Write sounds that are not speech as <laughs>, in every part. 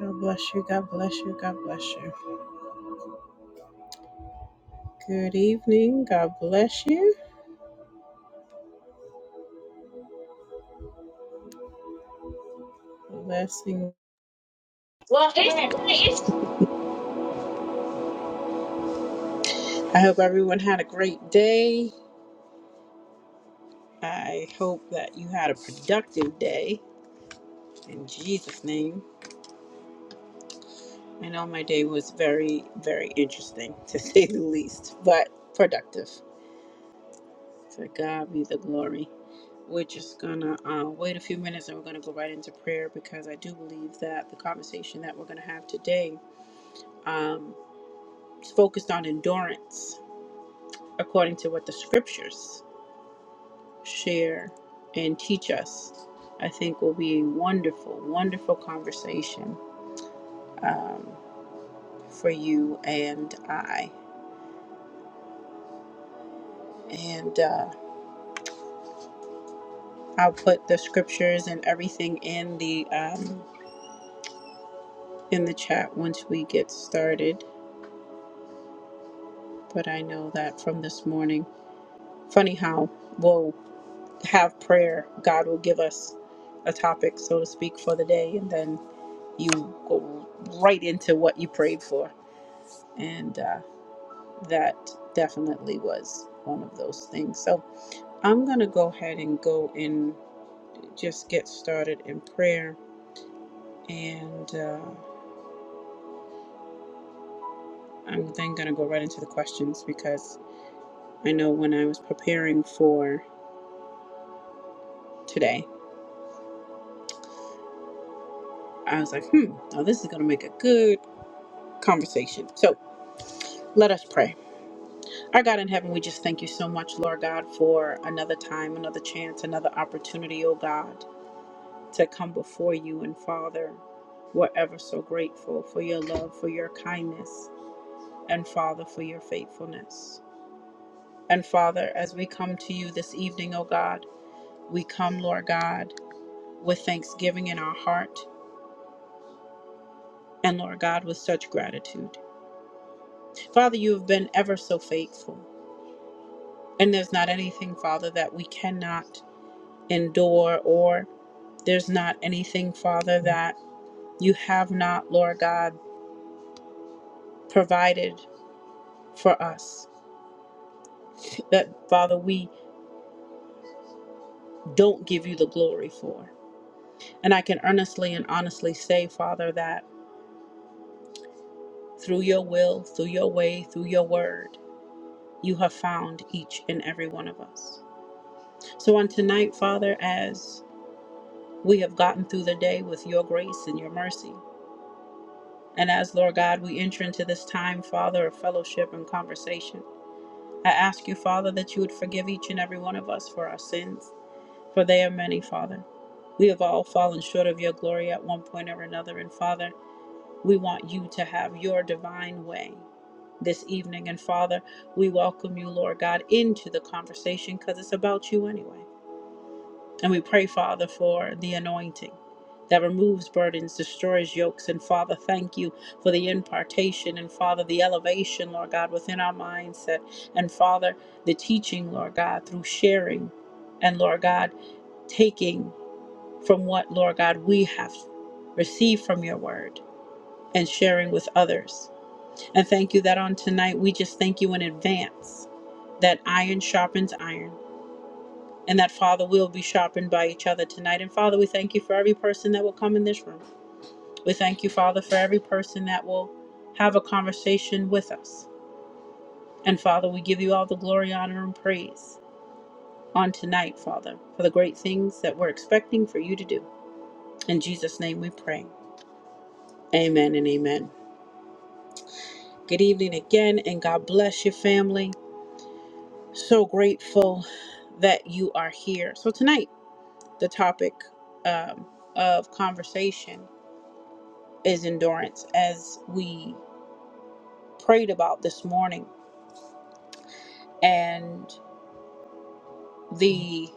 God bless you. God bless you. God bless you. Good evening. God bless you. Blessing. Well, it's it's I hope everyone had a great day. I hope that you had a productive day in Jesus' name. I know my day was very, very interesting to <laughs> say the least, but productive. To God be the glory. We're just gonna uh, wait a few minutes and we're gonna go right into prayer because I do believe that the conversation that we're gonna have today um, is focused on endurance according to what the scriptures share and teach us, I think will be a wonderful, wonderful conversation um, for you and I. And uh, I'll put the scriptures and everything in the um, in the chat once we get started. But I know that from this morning, funny how we'll have prayer. God will give us a topic, so to speak, for the day, and then you go right into what you prayed for and uh, that definitely was one of those things. So I'm going to go ahead and go and just get started in prayer, and uh, I'm then going to go right into the questions because I know when I was preparing for today, I was like, hmm, now this is going to make a good conversation. So let us pray. Our God in heaven, we just thank you so much, Lord God, for another time, another chance, another opportunity, oh God to come before you. And Father, we're ever so grateful for your love, for your kindness, and Father, for your faithfulness. And Father, as we come to you this evening, O God, we come, Lord God, with thanksgiving in our heart, and Lord God, with such gratitude. Father, you have been ever so faithful. And there's not anything, Father, that we cannot endure, or there's not anything, Father, that you have not, Lord God, provided for us. that, Father, we don't give you the glory for. And I can earnestly and honestly say, Father, that through your will, through your way, through your word, you have found each and every one of us. So on tonight, Father, as we have gotten through the day with your grace and your mercy, and as, Lord God, we enter into this time, Father, of fellowship and conversation, I ask you, Father, that you would forgive each and every one of us for our sins. for they are many, Father. We have all fallen short of your glory at one point or another, and Father, we want you to have your divine way this evening. And Father, we welcome you, Lord God, into the conversation because it's about you anyway. And we pray, Father, for the anointing that removes burdens, destroys yokes. And Father, thank you for the impartation and Father, the elevation, Lord God, within our mindset. And Father, the teaching, Lord God, through sharing and Lord God, taking from what, Lord God, we have received from your word and sharing with others. And thank you that on tonight we just thank you in advance that iron sharpens iron and that, Father, we'll be sharpened by each other tonight. And Father, we thank you for every person that will come in this room. We thank you, Father, for every person that will have a conversation with us. And Father, we give you all the glory, honor, and praise on tonight, Father, for the great things that we're expecting for you to do. In Jesus' name we pray. Amen and amen. Good evening again, and God bless your family. So grateful that you are here. So, tonight, the topic um, of conversation is endurance, as we prayed about this morning. And the,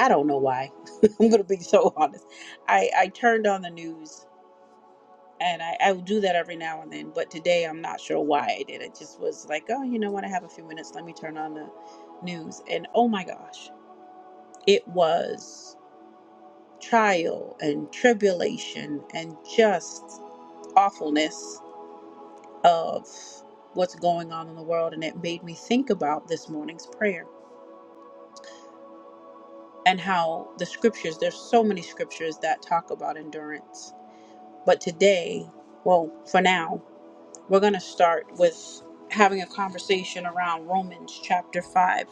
I don't know why, <laughs> I'm going to be so honest. I, I turned on the news. And I, I would do that every now and then, but today I'm not sure why I did. It just was like, oh, you know what? I have a few minutes. Let me turn on the news. And oh my gosh, It was trial and tribulation and just awfulness of what's going on in the world. And it made me think about this morning's prayer and how the scriptures, there's so many scriptures that talk about endurance. But today, well, for now, we're going to start with having a conversation around Romans chapter 5,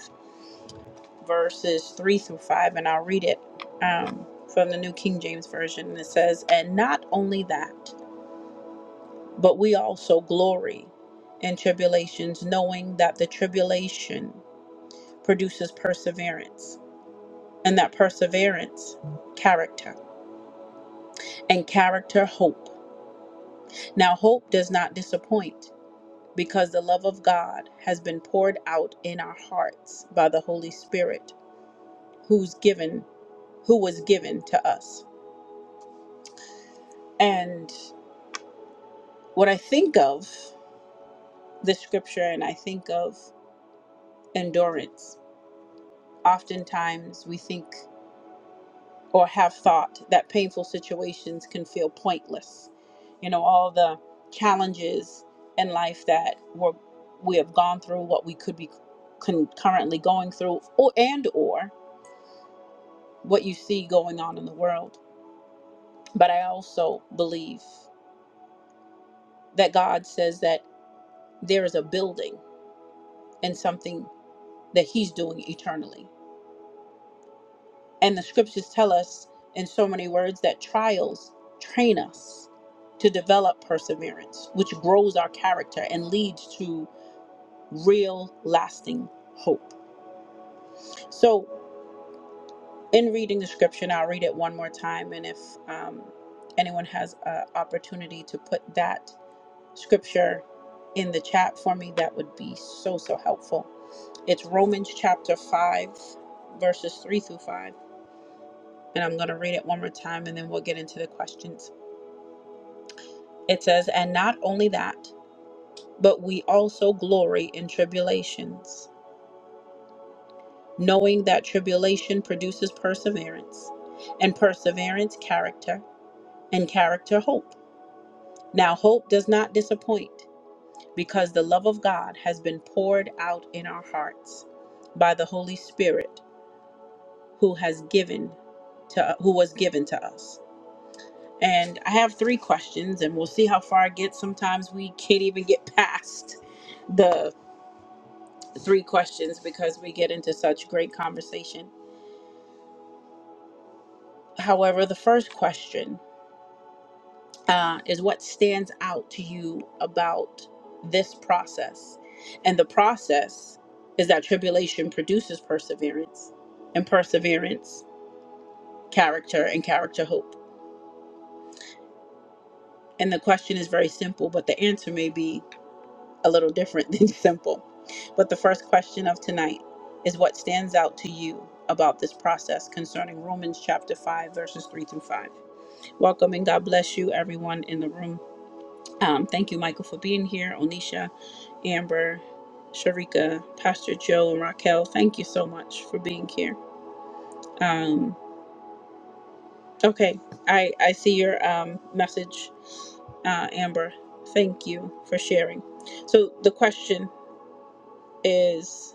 verses 3 through 5. And I'll read it um, from the New King James Version. And it says, And not only that, But we also glory in tribulations, knowing that the tribulation produces perseverance, and that perseverance, character, and character, hope. Now, hope does not disappoint because the love of God has been poured out in our hearts by the Holy Spirit, who's given, who was given to us. And what I think of the scripture and I think of endurance, oftentimes we think or have thought that painful situations can feel pointless. You know, all the challenges in life that we're, we have gone through, what we could be con- currently going through, or and or what you see going on in the world. But I also believe that God says that there is a building and something that He's doing eternally And the scriptures tell us in so many words that trials train us to develop perseverance, which grows our character and leads to real, lasting hope. So, in reading the scripture, and I'll read it one more time, and if um, anyone has an opportunity to put that scripture in the chat for me, that would be so, so helpful. It's Romans chapter 5, verses 3 through 5. And I'm going to read it one more time and then we'll get into the questions. It says, And not only that, but we also glory in tribulations, knowing that tribulation produces perseverance, and perseverance, character, and character, hope. Now, hope does not disappoint, because the love of God has been poured out in our hearts by the Holy Spirit who has given to who was given to us. And I have three questions and we'll see how far I get. Sometimes we can't even get <laughs> past the three questions because we get into such great conversation. However, the first question uh, is what stands out to you about this process? And the process is that tribulation produces perseverance, and perseverance, character, and character, hope. And the question is very simple, but the answer may be a little different <laughs> than simple. But the first question of tonight is what stands out to you about this process concerning Romans chapter 5, verses 3 through 5. Welcome and God bless you, everyone in the room. Um, thank you, Michael, for being here. Onisha, Amber, Sharika, Pastor Joe, and Raquel. Thank you so much for being here. Um, okay, I I see your um, message, uh, Amber. Thank you for sharing. So the question is,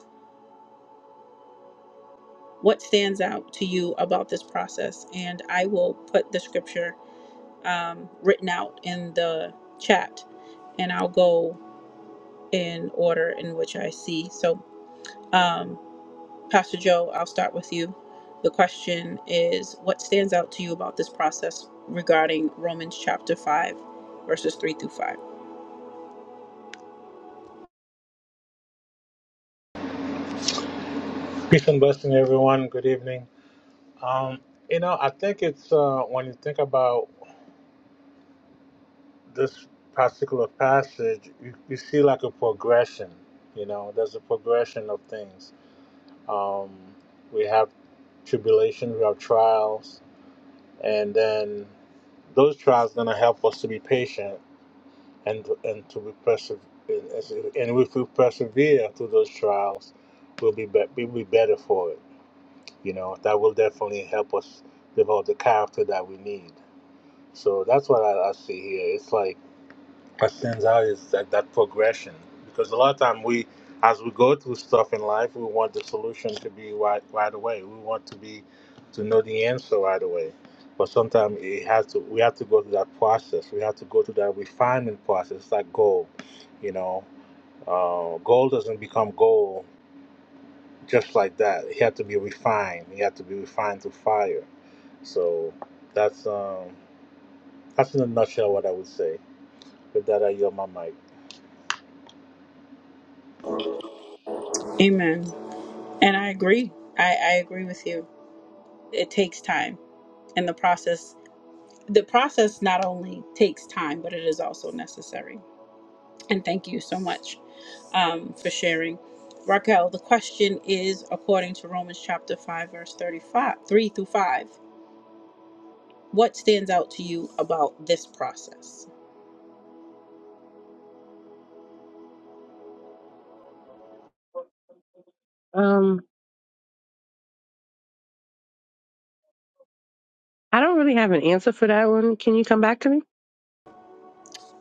what stands out to you about this process? And I will put the scripture um, written out in the chat, and I'll go. in order in which I see. So, um, Pastor Joe, I'll start with you. The question is What stands out to you about this process regarding Romans chapter 5, verses 3 through 5? Peace and blessing, everyone. Good evening. Um, you know, I think it's uh, when you think about this particular passage, you, you see like a progression. You know, there's a progression of things. Um, we have tribulation, we have trials, and then those trials gonna help us to be patient and and to be perse- And if we persevere through those trials, we'll be, be- we'll be better for it you know that will definitely help us develop the character that we need so that's what i, I see here it's like what stands out is that, that progression because a lot of time we as we go through stuff in life we want the solution to be right, right away we want to be to know the answer right away but sometimes it has to we have to go through that process we have to go through that refinement process It's like gold you know uh, gold doesn't become gold just like that. He had to be refined. He had to be refined through fire. So that's um that's in a nutshell what I would say. With that, I yield my mic. Amen. And I agree. I, I agree with you. It takes time. And the process, the process not only takes time, but it is also necessary. And thank you so much um, for sharing. Raquel, the question is according to Romans chapter 5, verse 35, 3 through 5. what stands out to you about this process Um, I don't really have an answer for that one. Can you come back to me?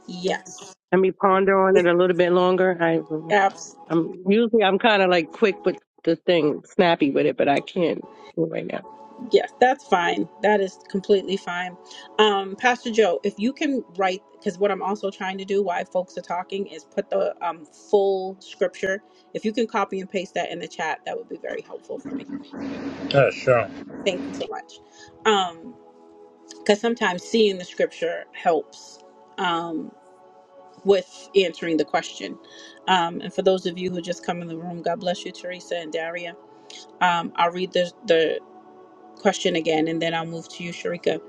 yes Let me ponder on it a little bit longer. I, abs I'm usually I'm kind of like quick with the thing, snappy with it, but I can't do it right now. yes that's fine that is completely fine um pastor joe if you can write because what i'm also trying to do while folks are talking is put the um, full scripture if you can copy and paste that in the chat that would be very helpful for me Yeah, sure. thank you so much um because sometimes seeing the scripture helps um with answering the question um and for those of you who just come in the room god bless you teresa and daria Um, I'll read the, the question again and then I'll move to you, Sharika.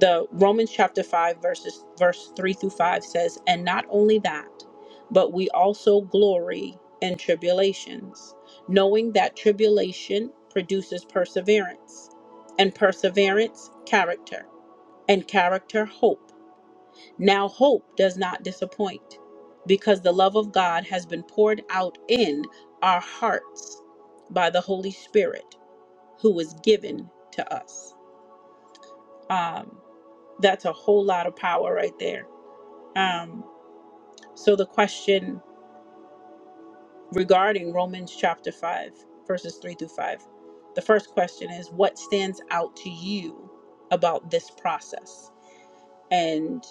The Romans chapter 5, verses verse 3 through 5 says, And not only that, but we also glory in tribulations, knowing that tribulation produces perseverance, and perseverance, character, and character, hope. Now, hope does not disappoint, because the love of God has been poured out in our hearts by the Holy Spirit who was given to us. Um, that's a whole lot of power right there. Um, so, the question regarding Romans chapter 5, verses 3 through 5, the first question is what stands out to you about this process? And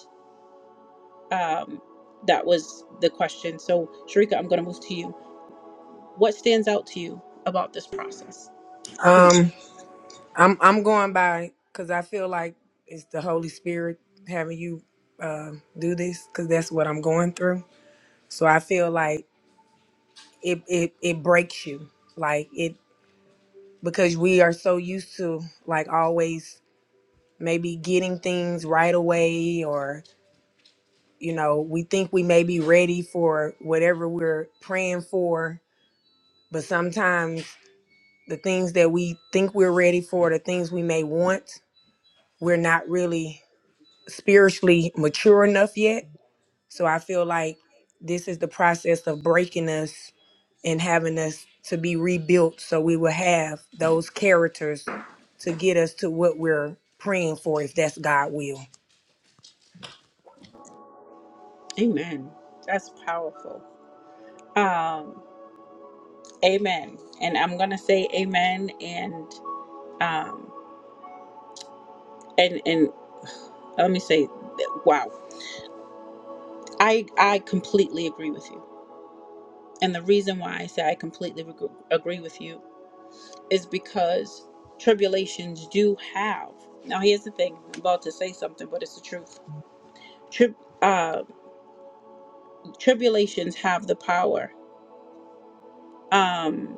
um, that was the question. So, Sharika, I'm going to move to you. What stands out to you about this process? Um, I'm I'm going by because I feel like it's the Holy Spirit having you do this because that's what I'm going through. So I feel like it it it breaks you like it because we are so used to like always maybe getting things right away or you know we think we may be ready for whatever we're praying for but sometimes the things that we think we're ready for the things we may want we're not really spiritually mature enough yet. So I feel like this is the process of breaking us and having us to be rebuilt so we will have those characters to get us to what we're praying for if that's God will. Amen. That's powerful. Um, amen. And I'm going to say amen. and. um and and let me say wow i i completely agree with you and the reason why i say i completely reg- agree with you is because tribulations do have now here's the thing i'm about to say something but it's the truth Trib- uh, tribulations have the power um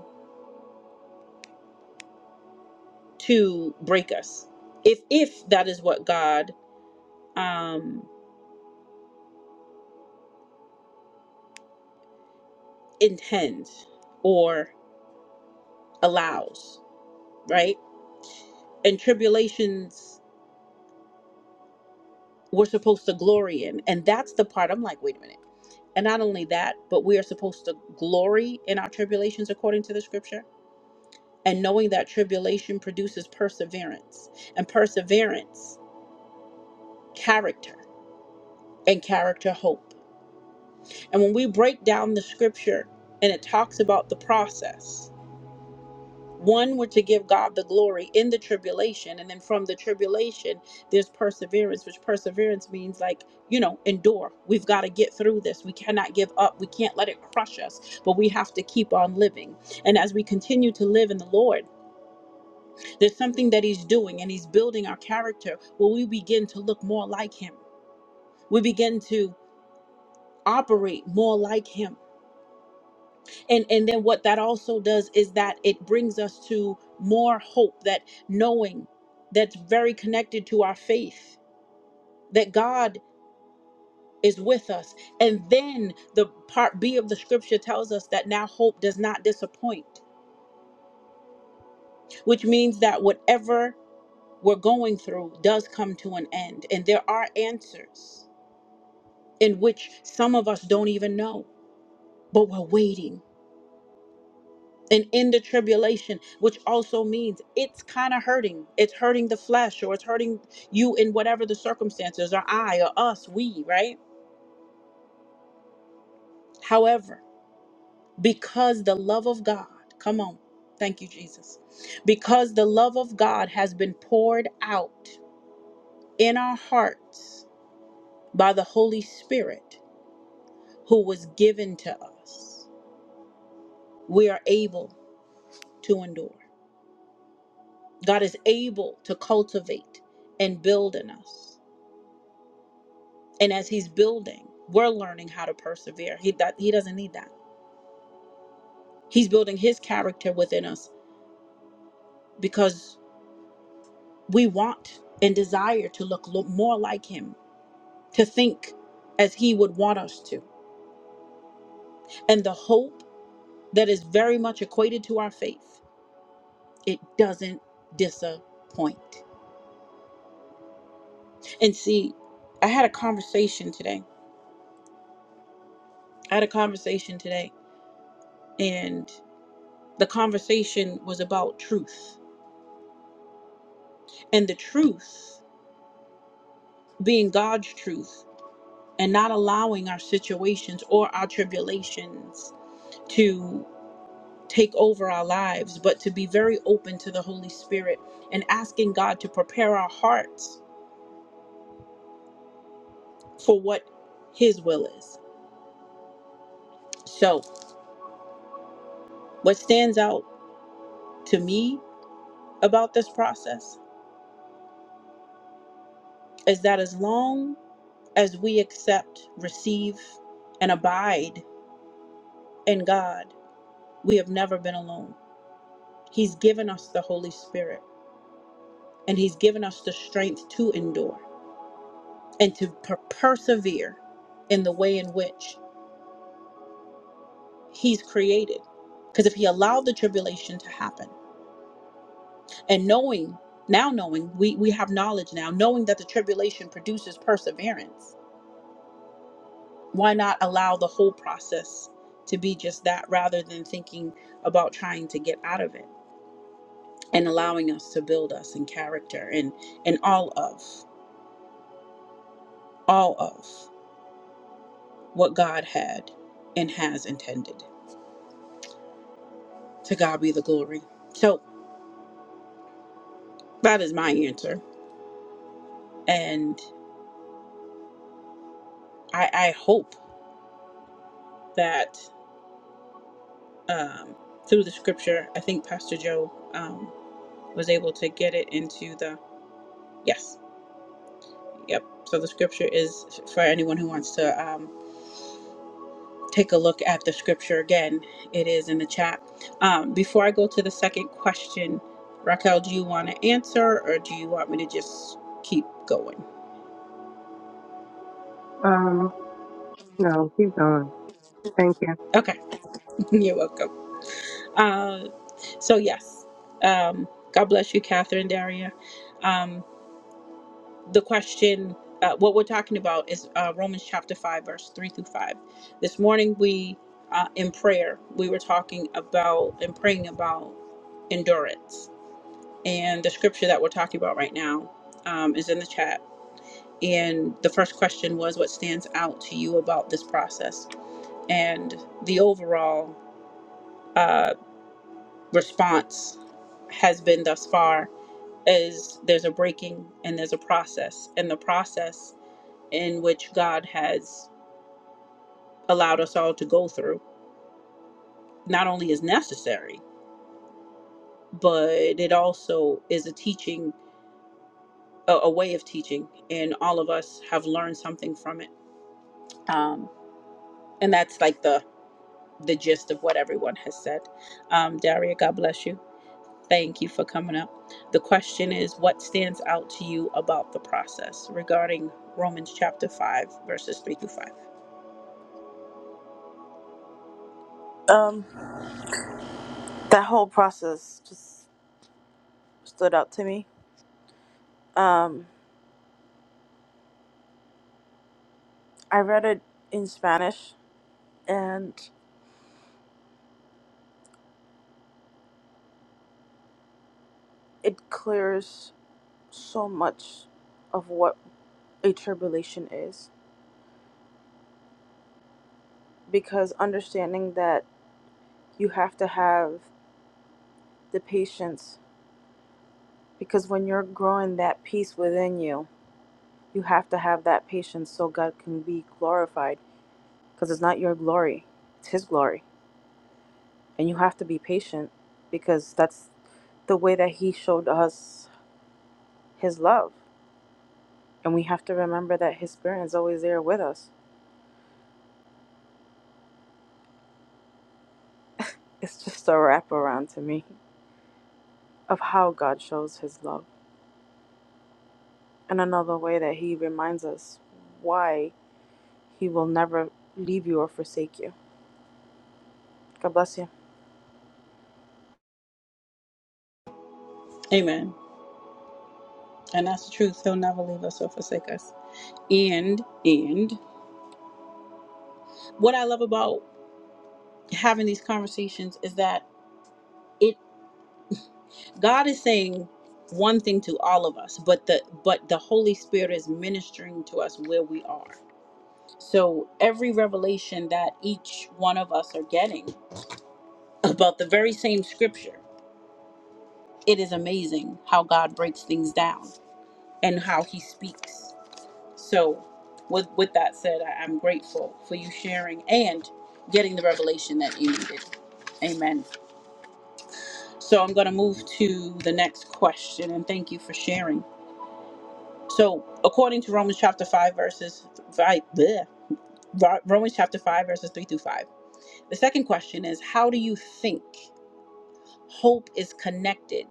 to break us if if that is what god um intends or allows right and tribulations we're supposed to glory in. And that's the part I'm like, wait a minute. And not only that, but we are supposed to glory in our tribulations according to the scripture. And knowing that tribulation produces perseverance, and perseverance, character, and character, hope. And when we break down the scripture and it talks about the process, one were to give God the glory in the tribulation, and then from the tribulation, there's perseverance, which perseverance means like, you know, endure. We've got to get through this. We cannot give up. We can't let it crush us, but we have to keep on living. And as we continue to live in the Lord, there's something that He's doing, and He's building our character where we begin to look more like Him. We begin to operate more like Him and and then what that also does is that it brings us to more hope that knowing that's very connected to our faith that god is with us and then the part b of the scripture tells us that now hope does not disappoint which means that whatever we're going through does come to an end and there are answers in which some of us don't even know but we're waiting and in the tribulation which also means it's kind of hurting it's hurting the flesh or it's hurting you in whatever the circumstances or i or us we right however because the love of god come on thank you jesus because the love of god has been poured out in our hearts by the holy spirit who was given to us we are able to endure god is able to cultivate and build in us And as he's building, we're learning how to persevere. He that he doesn't need that. He's building his character within us because we want and desire to look lo- more like him, to think as he would want us to. And the hope that is very much equated to our faith, it doesn't disappoint. And see, I had a conversation today. I had a conversation today and the conversation was about truth. And the truth being God's truth and not allowing our situations or our tribulations to take over our lives, but to be very open to the Holy Spirit and asking God to prepare our hearts for what His will is. So, what stands out to me about this process is that as long as we accept, receive, and abide in God, we have never been alone. He's given us the Holy Spirit and He's given us the strength to endure. and to per- persevere in the way in which he's created because if he allowed the tribulation to happen and knowing now knowing we we have knowledge now knowing that the tribulation produces perseverance why not allow the whole process to be just that rather than thinking about trying to get out of it and allowing us to build us in character and and all of all of what god had and has intended to god be the glory so That is my answer. And I, I hope that um, through the scripture, I think Pastor Joe um, was able to get it into the yes. Yep. So the scripture is for anyone who wants to um, take a look at the scripture again, it is in the chat. Um, before I go to the second question, Raquel, do you want to answer or do you want me to just keep going? Um, no, keep going. Thank you. Okay. <laughs> You're welcome. Uh, so yes, um, God bless you, Catherine Daria. Um, the question, uh, what we're talking about is uh, Romans chapter five, verse three through five. This morning, we uh, in prayer we were talking about and praying about endurance, and the scripture that we're talking about right now um, is in the chat. And the first question was, what stands out to you about this process? And the overall uh, response has been thus far is there's a breaking and there's a process and the process in which god has allowed us all to go through not only is necessary but it also is a teaching a, a way of teaching and all of us have learned something from it um, and that's like the the gist of what everyone has said um, daria god bless you Thank you for coming up. The question is what stands out to you about the process regarding Romans chapter 5, verses 3 through 5? Um, that whole process just stood out to me. Um, I read it in Spanish, and it clears so much of what a tribulation is because understanding that you have to have the patience because when you're growing that peace within you, you have to have that patience so God can be glorified because it's not your glory, it's His glory, and you have to be patient because that's the way that He showed us His love. And we have to remember that His Spirit is always there with us. It's just a wraparound to me of how God shows His love. And another way that He reminds us why He will never leave you or forsake you. God bless you. Amen. And that's the truth. He'll never leave us or forsake us. And, and what I love about having these conversations is that it God is saying one thing to all of us, but the but the Holy Spirit is ministering to us where we are. So every revelation that each one of us are getting about the very same scripture, it is amazing how God breaks things down and how he speaks. So with with that said, I, I'm grateful for you sharing and getting the revelation that you needed. Amen. So I'm going to move to the next question, and thank you for sharing. So, according to Romans chapter 5, verses 5, bleh, Ro- Romans chapter 5, verses 3 through 5, the second question is How do you think hope is connected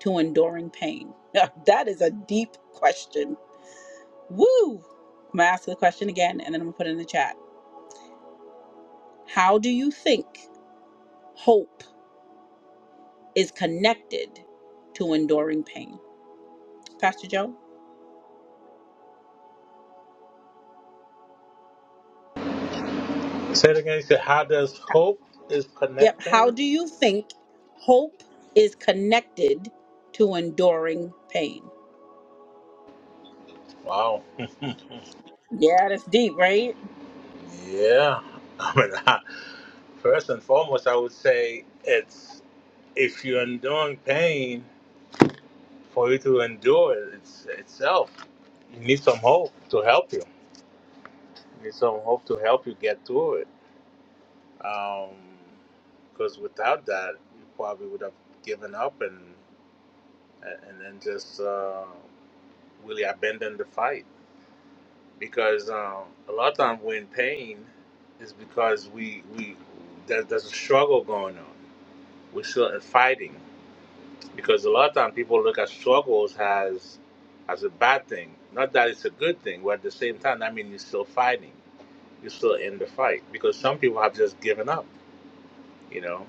to enduring pain? <laughs> that is a deep question. Woo! I'm going to ask the question again, and then I'm going to put it in the chat. How do you think hope is connected to enduring pain? Pastor Joe? Say it again. You said, "How does hope is Yep. How connecting?" do you think hope is connected to enduring pain? Wow. <laughs> Yeah, that's deep, right? yeah. I mean, <laughs> I, first and foremost, I would say it's if you're enduring pain, for you to endure it it's, itself, you need some hope to help you. You need some hope to help you get through it Um, because without that, you probably would have given up and and then just uh, really abandoned the fight. Because um, a lot of times we're in pain is because we we there, there's a struggle going on. We're still fighting because a lot of times people look at struggles as as a bad thing. Not that it's a good thing, but at the same time, I mean, you're still fighting. You're still in the fight because some people have just given up you know,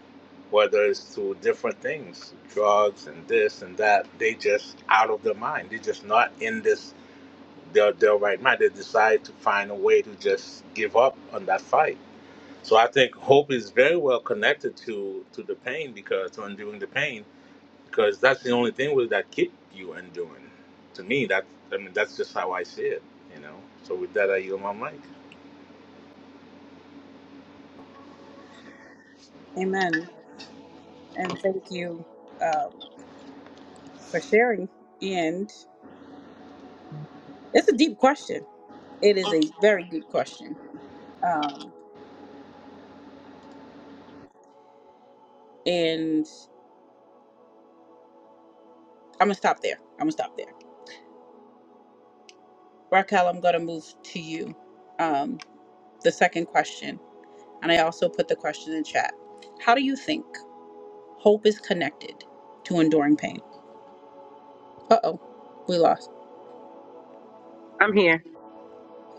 whether it's through different things, drugs and this and that, they just out of their mind. They're just not in this their their right mind. They decide to find a way to just give up on that fight. So I think hope is very well connected to to the pain because to undoing the pain because that's the only thing with that keep you undoing. To me, that I mean that's just how I see it. You know. So with that, I yield my mic. Amen. And thank you um, for sharing. And it's a deep question. It is a very good question. Um, and I'm gonna stop there. I'm gonna stop there. Raquel, I'm gonna move to you. Um, the second question, and I also put the question in chat. How do you think hope is connected to enduring pain? Uh oh, we lost. I'm here.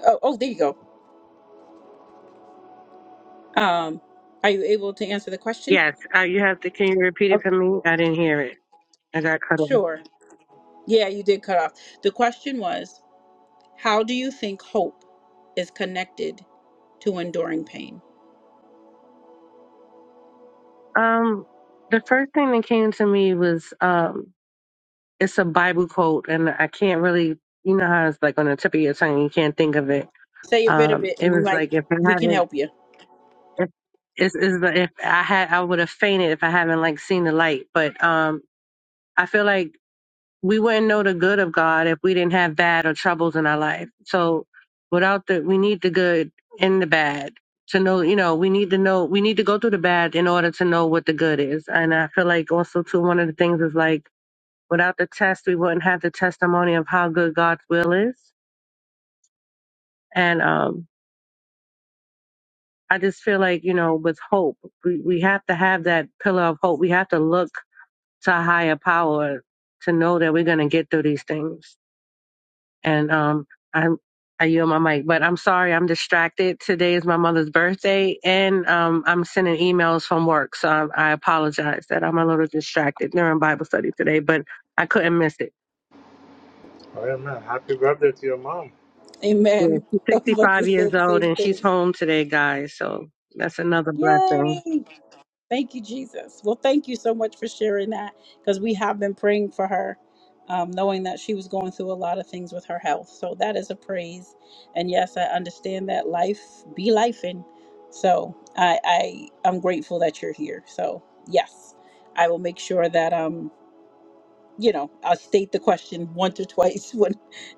Oh, oh, there you go. Um, are you able to answer the question? Yes. Uh, you have to. Can you repeat it for Okay. me? I didn't hear it. I got cut off. Sure. Yeah, you did cut off. The question was, how do you think hope is connected to enduring pain? Um, the first thing that came to me was um, it's a Bible quote, and I can't really, you know, how it's like on the tip of your tongue, you can't think of it. Say a bit of Um, it, it and we was might like if I we can haven't, help you. if it's, it's the, if I had, I would have fainted if I haven't like seen the light. But um, I feel like we wouldn't know the good of God if we didn't have bad or troubles in our life. So without the, we need the good and the bad to know, you know, we need to know, we need to go through the bad in order to know what the good is. And I feel like also too, one of the things is like without the test, we wouldn't have the testimony of how good God's will is. And, um, I just feel like, you know, with hope, we, we have to have that pillar of hope. We have to look to a higher power to know that we're going to get through these things. and um I'm I yield my mic, but I'm sorry I'm distracted. Today is my mother's birthday, and um, I'm sending emails from work, so I, I apologize that I'm a little distracted during Bible study today, but I couldn't miss it. All right, man. Happy birthday to your mom. Yeah, Amen. she's <laughs> I was about to 65 say years the same old, and she's thing. home today, guys. So that's another blessing. Yay! Thank you, Jesus. Well, thank you so much for sharing that because we have been praying for her, um, knowing that she was going through a lot of things with her health. So that is a praise. And yes, I understand that life be life in. So I, I I'm grateful that you're here. So yes, I will make sure that um you know I'll state the question once or twice <laughs> when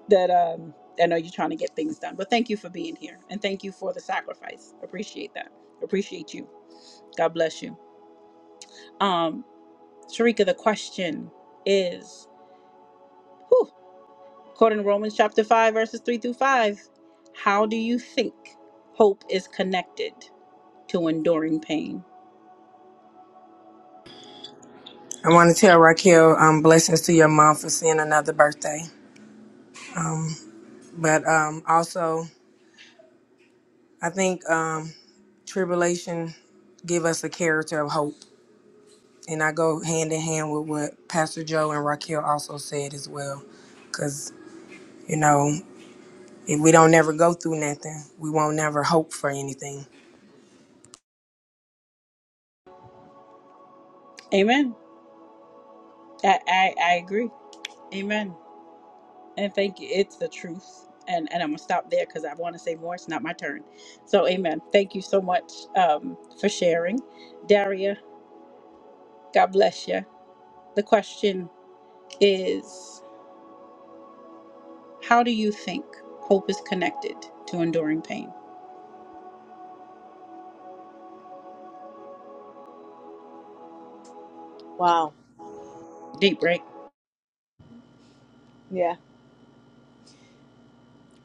that um I know you're trying to get things done. But thank you for being here and thank you for the sacrifice. Appreciate that. Appreciate you. God bless you. Um, Sharika, the question is whew, according to Romans chapter 5, verses 3 through 5, how do you think hope is connected to enduring pain? I want to tell Raquel um, blessings to your mom for seeing another birthday. But um, also, I think um, tribulation give us a character of hope. And I go hand in hand with what Pastor Joe and Raquel also said as well. You know, if we don't never go through nothing, we won't never hope for anything. Amen. I, I, I agree. Amen. and thank you. It's the truth. And and I'm gonna stop there because I want to say more. It's not my turn. So amen. Thank you so much um, for sharing, Daria. God bless you. The question is, how do you think hope is connected to enduring pain? Wow. Deep break. Yeah.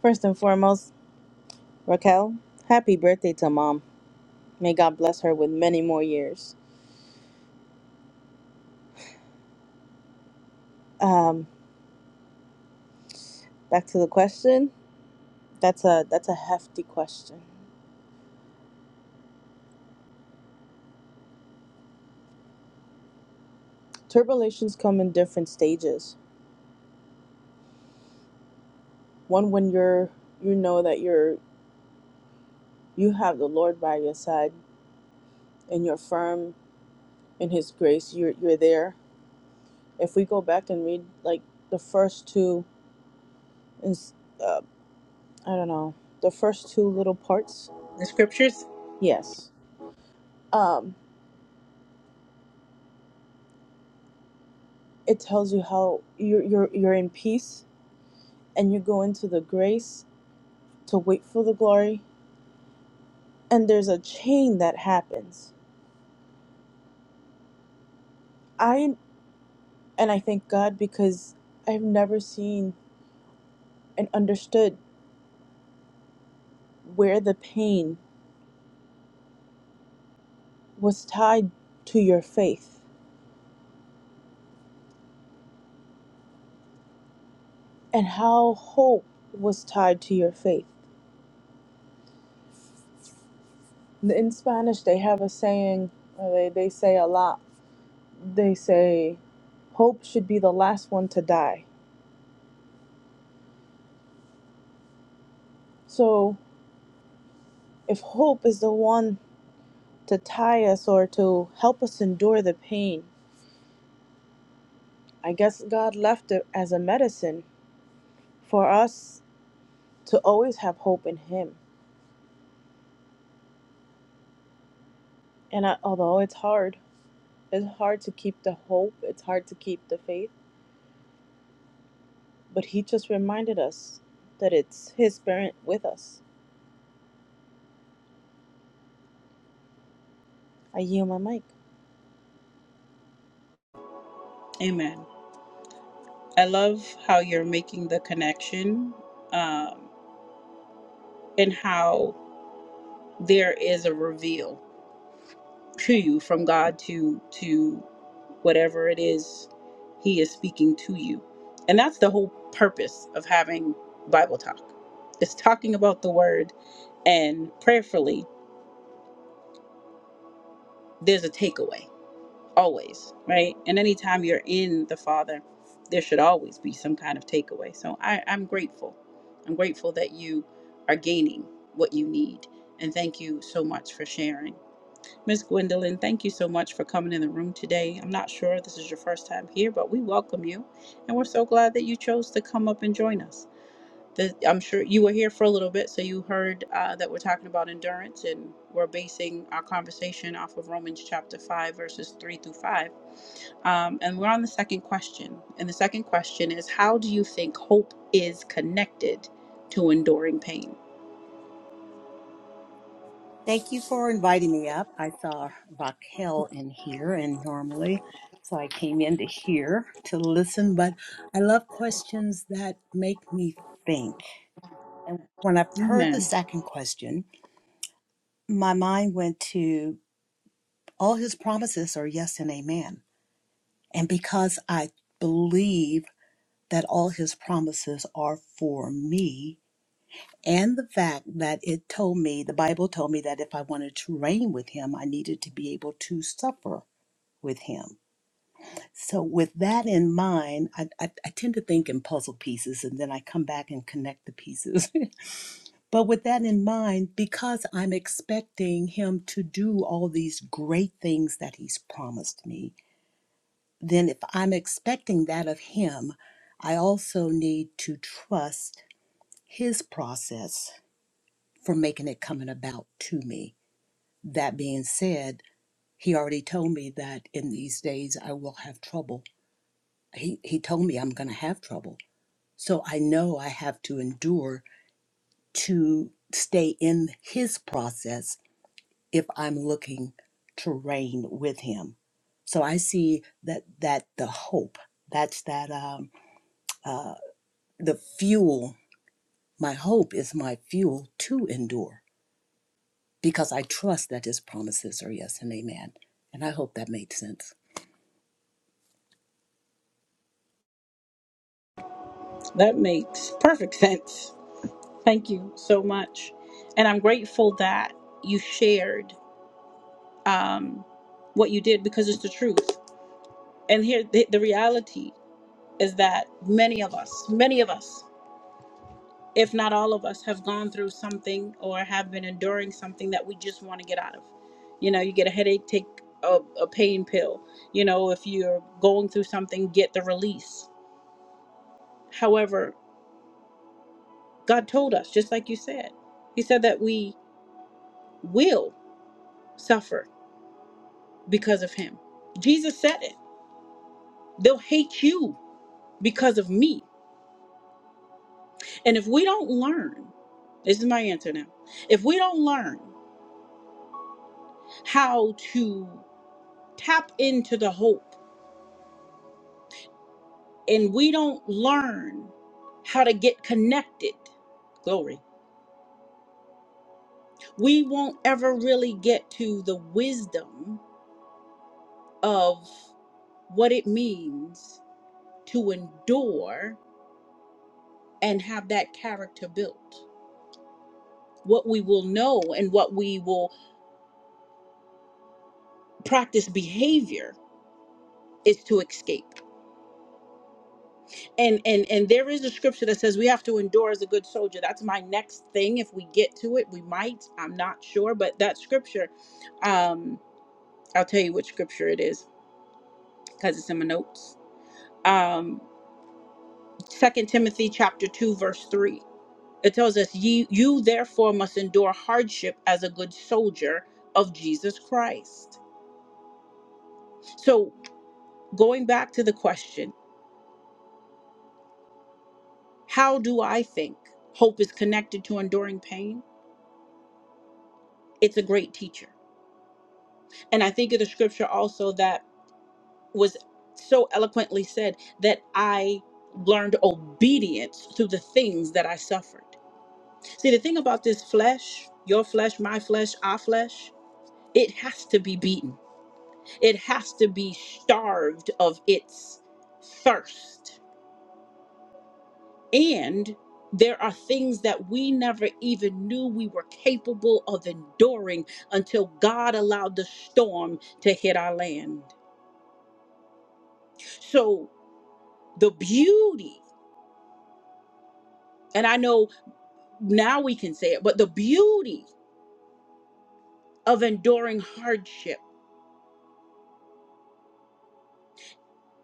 First and foremost, Raquel, happy birthday to mom. May God bless her with many more years. Um, back to the question. That's a that's a hefty question. Turbilations come in different stages. One when you're you know that you're you have the Lord by your side and you're firm in his grace. You're, you're there. If we go back and read like the first two, ins- uh, I don't know, the first two little parts, The scriptures. yes, um, it tells you how you're, you're, you're in peace and you go into the grace to wait for the glory. And there's a chain that happens. I, and I thank God because I've never seen and understood where the pain was tied to your faith and how hope was tied to your faith. In Spanish, they have a saying, or they, they say a lot. They say, hope should be the last one to die. So, if hope is the one to tie us or to help us endure the pain, I guess God left it as a medicine for us to always have hope in Him. And I, although it's hard, it's hard to keep the hope, it's hard to keep the faith But he just reminded us that it's his parent with us. I yield my mic. Amen. I love how you're making the connection, um, and how there is a reveal to you from God to to whatever it is he is speaking to you. And that's the whole purpose of having Bible talk. It's talking about the word and prayerfully there's a takeaway always, right? And anytime you're in the Father, there should always be some kind of takeaway. So I, I'm grateful. I'm grateful that you are gaining what you need. And thank you so much for sharing. Miss Gwendolyn, thank you so much for coming in the room today. I'm not sure if this is your first time here, but we welcome you. And we're so glad that you chose to come up and join us. The, I'm sure you were here for a little bit, so you heard uh, that we're talking about endurance, and we're basing our conversation off of Romans chapter 5, verses 3 through 5. Um, and we're on the second question. And the second question is How do you think hope is connected to enduring pain? Thank you for inviting me up. I saw Raquel in here, and normally, so I came in to hear, to listen, but I love questions that make me think. And when I heard the Amen. second question, my mind went to all his promises are yes and amen. And because I believe that all his promises are for me, and the fact that it told me, the Bible told me that if I wanted to reign with him, I needed to be able to suffer with him. So, with that in mind, I, I, I tend to think in puzzle pieces and then I come back and connect the pieces. <laughs> but with that in mind, because I'm expecting him to do all these great things that he's promised me, then if I'm expecting that of him, I also need to trust his process for making it coming about to me. That being said, he already told me that in these days I will have trouble he he told me i'm going to have trouble so i know i have to endure to stay in his process if i'm looking to reign with him so i see that that the hope that's that um uh the fuel my hope is my fuel to endure because i trust that his promises are yes and amen and i hope that made sense That makes perfect <laughs> sense. Thank you so much. And I'm grateful that you shared um, what you did because it's the truth. And here, the, the reality is that many of us, many of us, if not all of us, have gone through something or have been enduring something that we just want to get out of. You know, you get a headache, take a, a pain pill. You know, if you're going through something, get the release. However, God told us, just like you said, He said that we will suffer because of him. Jesus said it. They'll hate you because of me. And if we don't learn, this is my answer now. If we don't learn how to tap into the hope and we don't learn how to get connected, glory, we won't ever really get to the wisdom of what it means to endure and have that character built. What we will know and what we will practice behavior is to escape and and and there is a scripture that says we have to endure as a good soldier that's my next thing if we get to it we might i'm not sure but that scripture um i'll tell you which scripture it is because it's in my notes um second timothy chapter 2 verse 3 it tells us ye you therefore must endure hardship as a good soldier of jesus christ so going back to the question How do I think hope is connected to enduring pain? It's a great teacher. And I think of the scripture also that was so eloquently said that I learned obedience through the things that I suffered. See, the thing about this flesh, your flesh, my flesh, our flesh, it has to be beaten, it has to be starved of its thirst And there are things that we never even knew we were capable of enduring until God allowed the storm to hit our land. So, the beauty, and I know now we can say it, but the beauty of enduring hardship,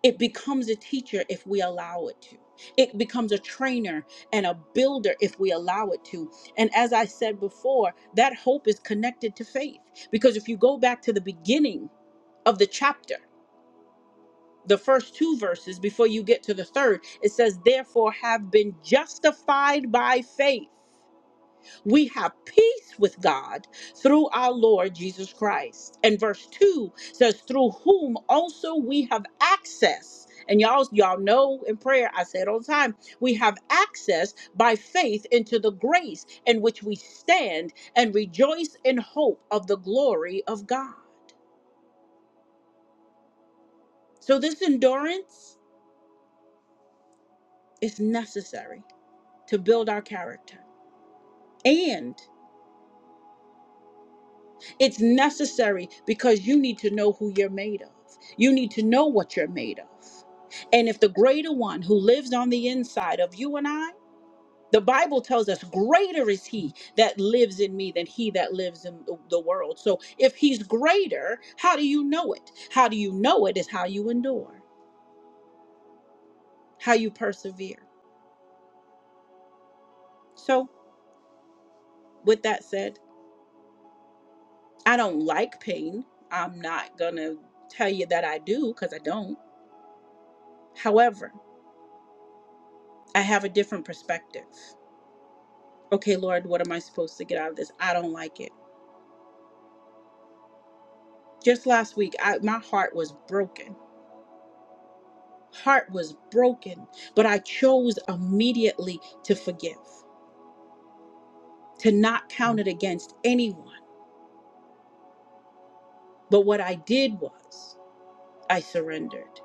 it becomes a teacher if we allow it to. It becomes a trainer and a builder if we allow it to. And as I said before, that hope is connected to faith. Because if you go back to the beginning of the chapter, the first two verses before you get to the third. It says, Therefore, have been justified by faith. We have peace with God through our Lord Jesus Christ. And verse 2 says, Through whom also we have access. And y'all, y'all know in prayer, I say it all the time, we have access by faith into the grace in which we stand and rejoice in hope of the glory of God. So this endurance is necessary to build our character. And it's necessary because you need to know who you're made of. You need to know what you're made of. And if the greater one who lives on the inside of you and I, the Bible tells us, greater is he that lives in me than he that lives in the the world. So if he's greater, how do you know it? How do you know it is how you endure, how you persevere. So, with that said, I don't like pain. I'm not going to tell you that I do because I don't However, I have a different perspective. Okay, Lord, what am I supposed to get out of this? I don't like it. Just last week, I, my heart was broken. Heart was broken, but I chose immediately to forgive, to not count it against anyone. But what I did was I surrendered.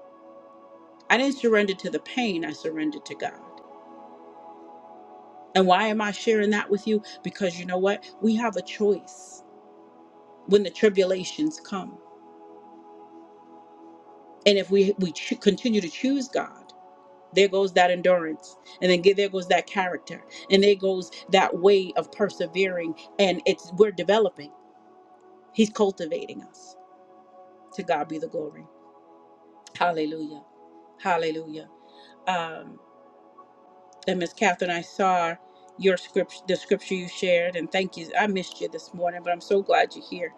I didn't surrender to the pain, I surrendered to God. And why am I sharing that with you? Because you know what? We have a choice when the tribulations come. And if we, we cho- continue to choose God, There goes that endurance. And then there goes that character. And there goes that way of persevering. And it's we're developing. He's cultivating us. To God be the glory. Hallelujah. Hallelujah. Um, And Miss Catherine, I saw your script, the scripture you shared, and thank you. I missed you this morning, but I'm so glad you're here.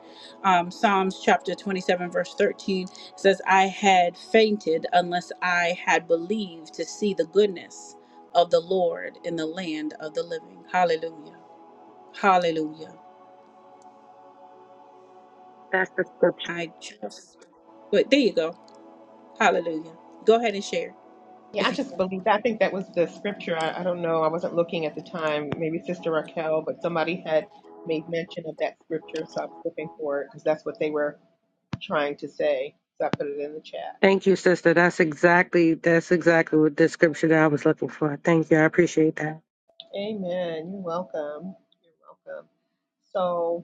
Um, Psalms chapter 27, verse 13 says, I had fainted unless I had believed to see the goodness of the Lord in the land of the living. Hallelujah. Hallelujah. That's the scripture. I just, But there you go. Hallelujah. Go ahead and share Yeah, I if you just can. believe that. I think that was the scripture. I, I don't know. I wasn't looking at the time. Maybe Sister Raquel, but somebody had made mention of that scripture, so I was looking for it because that's what they were trying to say. So I put it in the chat. Thank you, sister. That's exactly that's exactly what the scripture that I was looking for. Thank you. I appreciate that. Amen. You're welcome. You're welcome. So,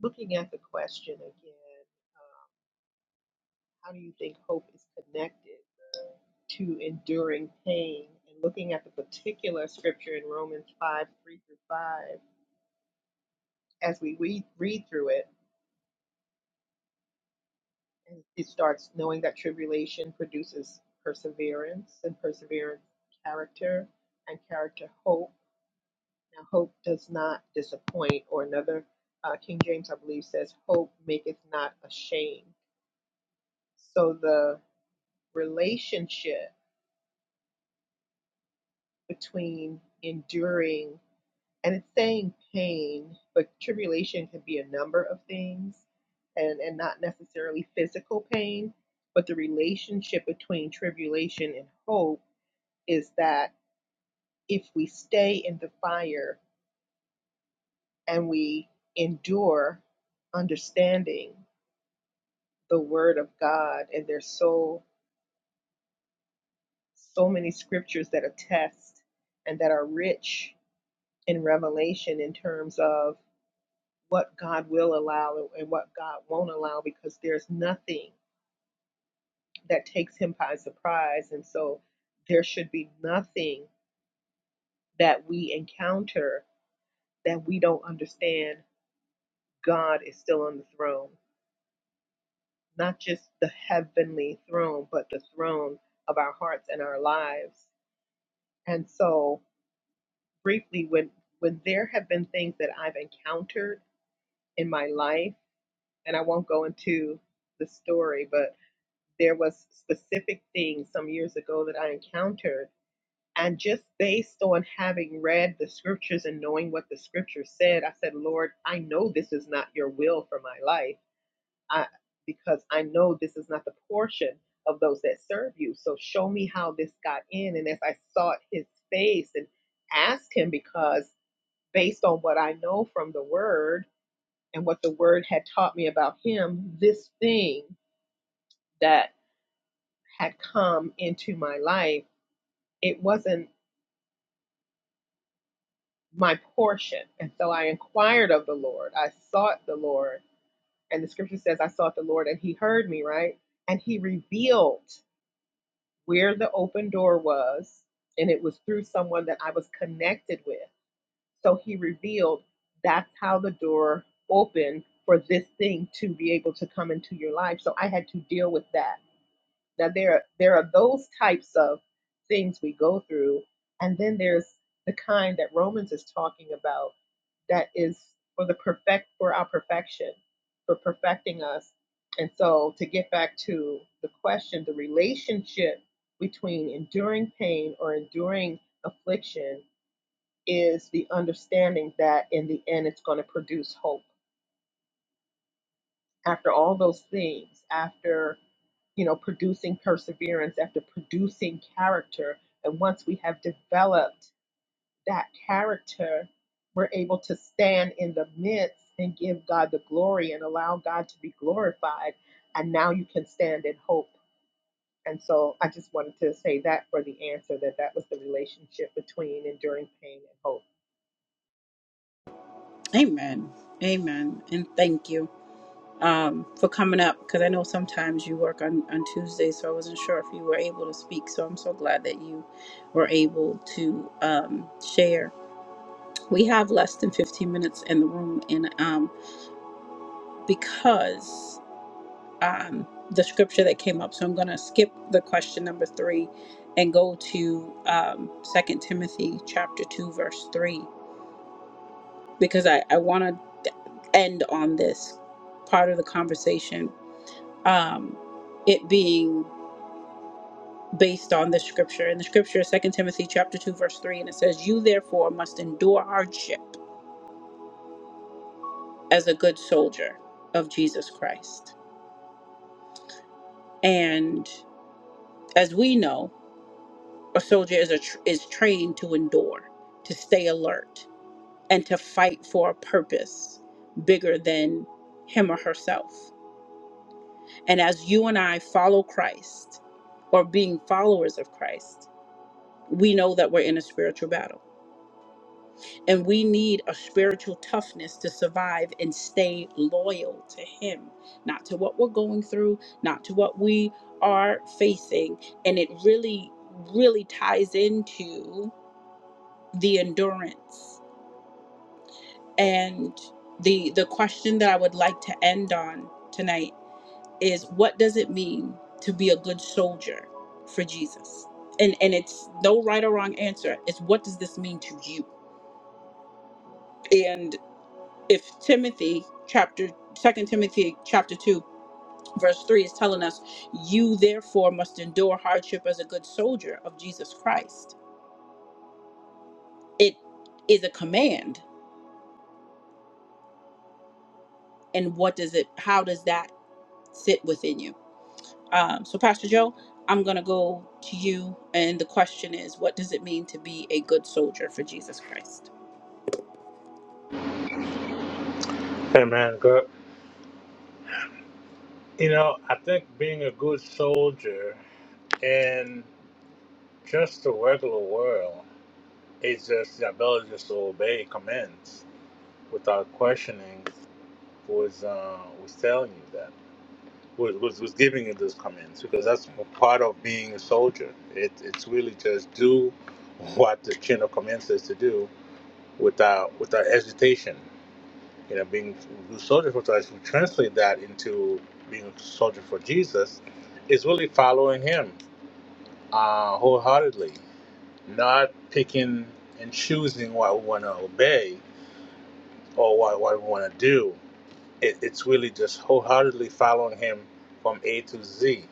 looking at the question again, um, how do you think hope is connected to enduring pain? And looking at the particular scripture in Romans 5 3 through 5, as we read, read through it, And it starts knowing that tribulation produces perseverance, and perseverance, character, and character, hope. Now, hope does not disappoint, or another uh, King James, I believe, says, Hope maketh not ashamed. So the relationship between enduring, and it's saying pain, but tribulation can be a number of things, and, and not necessarily physical pain, but the relationship between tribulation and hope is that if we stay in the fire and we endure understanding the word of God, and there's so so many scriptures that attest and that are rich in revelation in terms of what God will allow and what God won't allow, because there's nothing that takes him by surprise. And so there should be nothing that we encounter that we don't understand God is still on the throne not just the heavenly throne, but the throne of our hearts and our lives. And so, briefly, when when there have been things that I've encountered in my life, and I won't go into the story, but there was specific things some years ago that I encountered, and just based on having read the scriptures and knowing what the scriptures said, I said, Lord, I know this is not your will for my life I, because I know this is not the portion of those that serve you. So show me how this got in. And as I sought his face and asked him, because based on what I know from the word and what the word had taught me about him, this thing that had come into my life, it wasn't my portion. And so I inquired of the Lord. I sought the Lord. And the scripture says, I sought the Lord and he heard me, right? And he revealed where the open door was, and it was through someone that I was connected with. So he revealed that's how the door opened for this thing to be able to come into your life. So I had to deal with that that there are there are those types of things we go through and then there's the kind that romans is talking about that is for the perfect for our perfection for perfecting us and so to get back to the question the relationship between enduring pain or enduring affliction is the understanding that in the end it's going to produce hope after all those things, after you know producing perseverance, after producing character, and once we have developed that character, we're able to stand in the midst and give God the glory and allow God to be glorified. And now you can stand in hope. And so I just wanted to say that for the answer that that was the relationship between enduring pain and hope. Amen. Amen. And thank you. um, for coming up because I know sometimes you work on, on Tuesdays, so I wasn't sure if you were able to speak. So I'm so glad that you were able to um, share. We have less than 15 minutes in the room, and um, because um, the scripture that came up, so I'm going to skip the question number three and go to um, 2 Timothy chapter 2, verse 3, because I, I want to end on this part of the conversation. Um, it being based on the scripture. And the scripture is 2 Timothy chapter 2 verse 3 and it says, "You therefore must endure hardship as a good soldier of Jesus Christ." And as we know, a soldier is a tr- is trained to endure, to stay alert, and to fight for a purpose bigger than him or herself. And as you and I follow Christ or being followers of Christ, we know that we're in a spiritual battle And we need a spiritual toughness to survive and stay loyal to Him, not to what we're going through, not to what we are facing. And it really, really ties into the endurance. And the, the question that I would like to end on tonight is what does it mean to be a good soldier for Jesus? And, and it's no right or wrong answer. It's what does this mean to you? And. if Timothy chapter second Timothy chapter two verse three is telling us you therefore must endure hardship as a good soldier of Jesus Christ. It is a command. And what does it how does that sit within you? Um, so Pastor Joe, I'm gonna go to you and the question is what does it mean to be a good soldier for Jesus Christ? Hey, man. God, You know, I think being a good soldier in just the regular world is just the ability just to obey commands without questioning who is uh, who's telling you that, who, who's, who's giving you those commands, because that's a part of being a soldier. It, it's really just do what the chain of command says to do without without hesitation. You know, being a good soldier for Christ, we translate that into being a soldier for Jesus, is really following him uh, wholeheartedly, not picking and choosing what we want to obey or what, what we want to do. It, it's really just wholeheartedly following Him from A to Z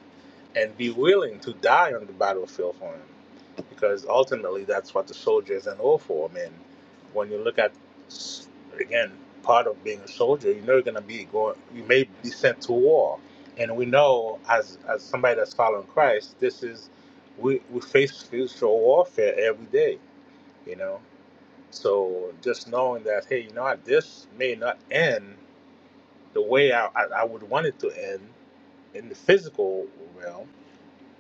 and be willing to die on the battlefield for him. Because ultimately, that's what the soldier is an all for. I mean, when you look at, again, part of being a soldier, you know you're going to be going, you may be sent to war. And we know, as, as somebody that's following Christ, this is, we, we face spiritual warfare every day, you know? So just knowing that, hey, you know what, this may not end the way I, I, I would want it to end in the physical realm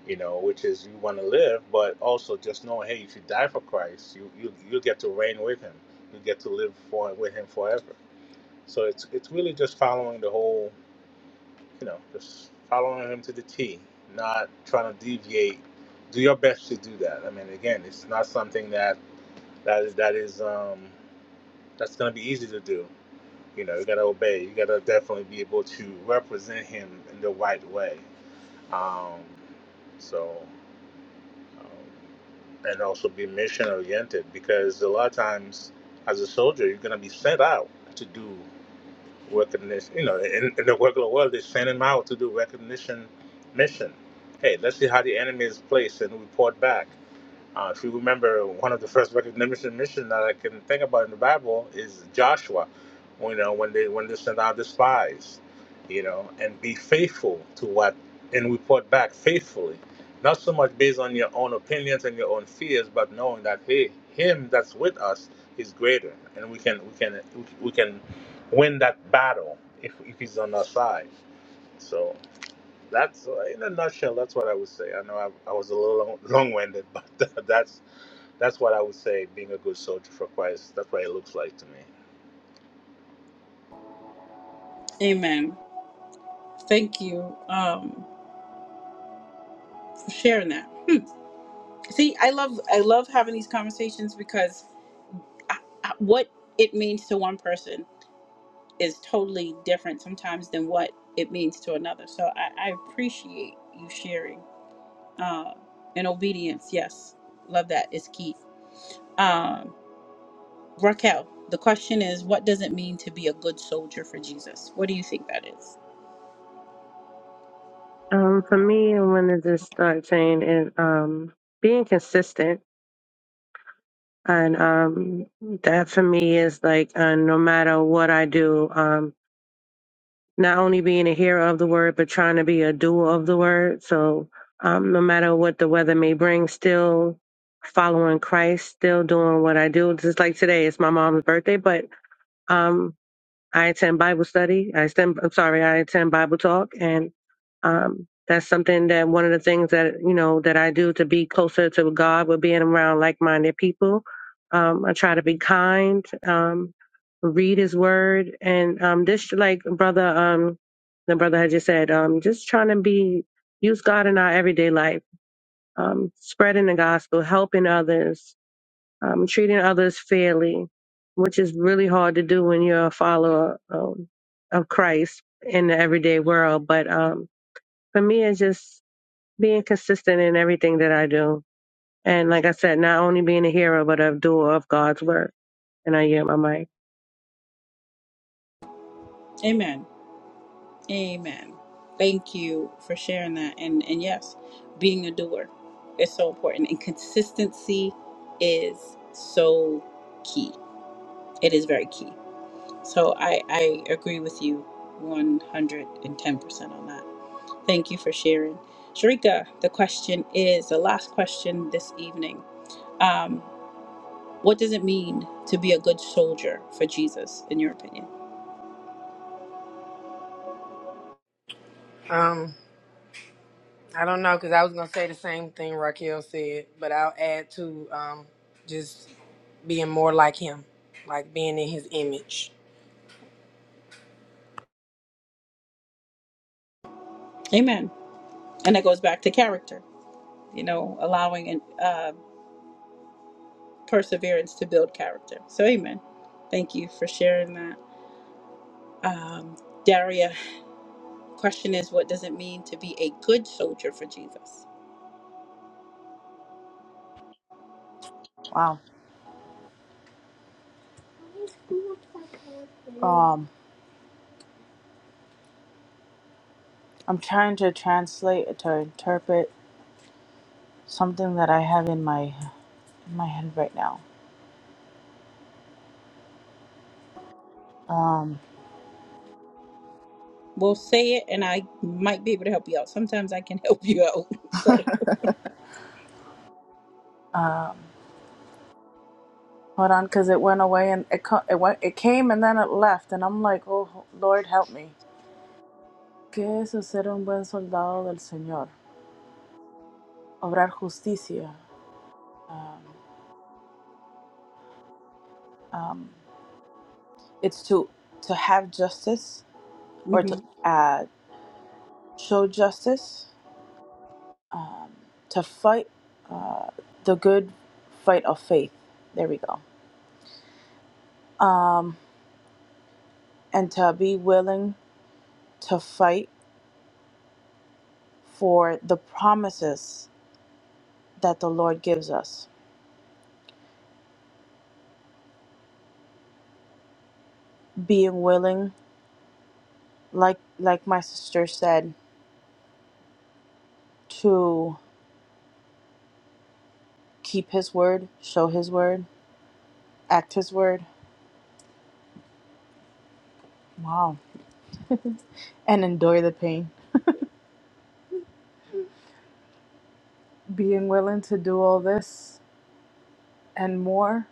you know, which is you want to live, but also just know, hey, if you die for Christ, you you you get to reign with Him, you get to live for with Him forever. So it's it's really just following the whole, you know, just following Him to the T, not trying to deviate. Do your best to do that. I mean, again, it's not something that that is that is um that's going to be easy to do. You know, you got to obey. You got to definitely be able to represent Him in the right way. Um, so. um, and also be mission oriented because a lot of times as a soldier you're going to be sent out to do recognition you know in, in the regular world they send him out to do recognition mission hey let's see how the enemy is placed and report back uh, if you remember, one of the first recognition missions that I can think about in the Bible is Joshua. You know, when they when they sent out the spies, you know, and be faithful to what and report back faithfully, not so much based on your own opinions and your own fears, but knowing that hey, him that's with us is greater, and we can we can we can win that battle if if he's on our side. So that's uh, in a nutshell. That's what I would say. I know I, I was a little long winded, <laughs> but that's that's what I would say being a good soldier for Christ. That's what it looks like to me. Amen. Thank you um, for sharing that. See, I love I love having these conversations because uh, what it means to one person is totally different sometimes than what it means to another. So I, I appreciate you sharing. Uh, and obedience, yes, love that is key. Um, Raquel, the question is, what does it mean to be a good soldier for Jesus? What do you think that is? Um, for me, I want to start saying it, um, being consistent. And um, that for me is like, uh, no matter what I do, um, not only being a hearer of the word, but trying to be a doer of the word. So um, no matter what the weather may bring, still following Christ, still doing what I do. Just like today, it's my mom's birthday, but um, I attend Bible study. I attend, I'm sorry, I attend Bible talk. And um, that's something that one of the things that, you know, that I do to be closer to God with being around like minded people. Um, I try to be kind, um, read his word. And um, this, like brother, um, the brother had just said, um, just trying to be, use God in our everyday life, um, spreading the gospel, helping others, um, treating others fairly, which is really hard to do when you're a follower um, of Christ in the everyday world. But um, for me, it's just being consistent in everything that I do. And like I said, not only being a hero, but a doer of God's word. And I am my mic. Amen. Amen. Thank you for sharing that. And and yes, being a doer is so important. And consistency is so key. It is very key. So I, I agree with you 110% on that. Thank you for sharing. Sharika, the question is the last question this evening. Um, what does it mean to be a good soldier for Jesus, in your opinion? Um, I don't know, cause I was gonna say the same thing Raquel said, but I'll add to um, just being more like him, like being in his image. Amen. And that goes back to character you know, allowing and uh, perseverance to build character. So, amen. Thank you for sharing that. Um, Daria, question is, what does it mean to be a good soldier for Jesus? Wow. Um, I'm trying to translate to interpret something that I have in my in my head right now. Um, We'll say it, and I might be able to help you out. Sometimes I can help you out. <laughs> So. um, hold on, because it went away and it co- it went it came and then it left, and I'm like, oh Lord, help me. ¿Qué es ser un buen soldado del Señor? Obrar justicia. Um, um, it's to to have justice or hmm to uh, show justice, um, to fight uh, the good fight of faith. There we go. Um, and to be willing to fight for the promises that the Lord gives us. Being willing, like like my sister said, to keep His word, show His word, act His word. Wow, <laughs> and endure the pain. Being willing to do all this and more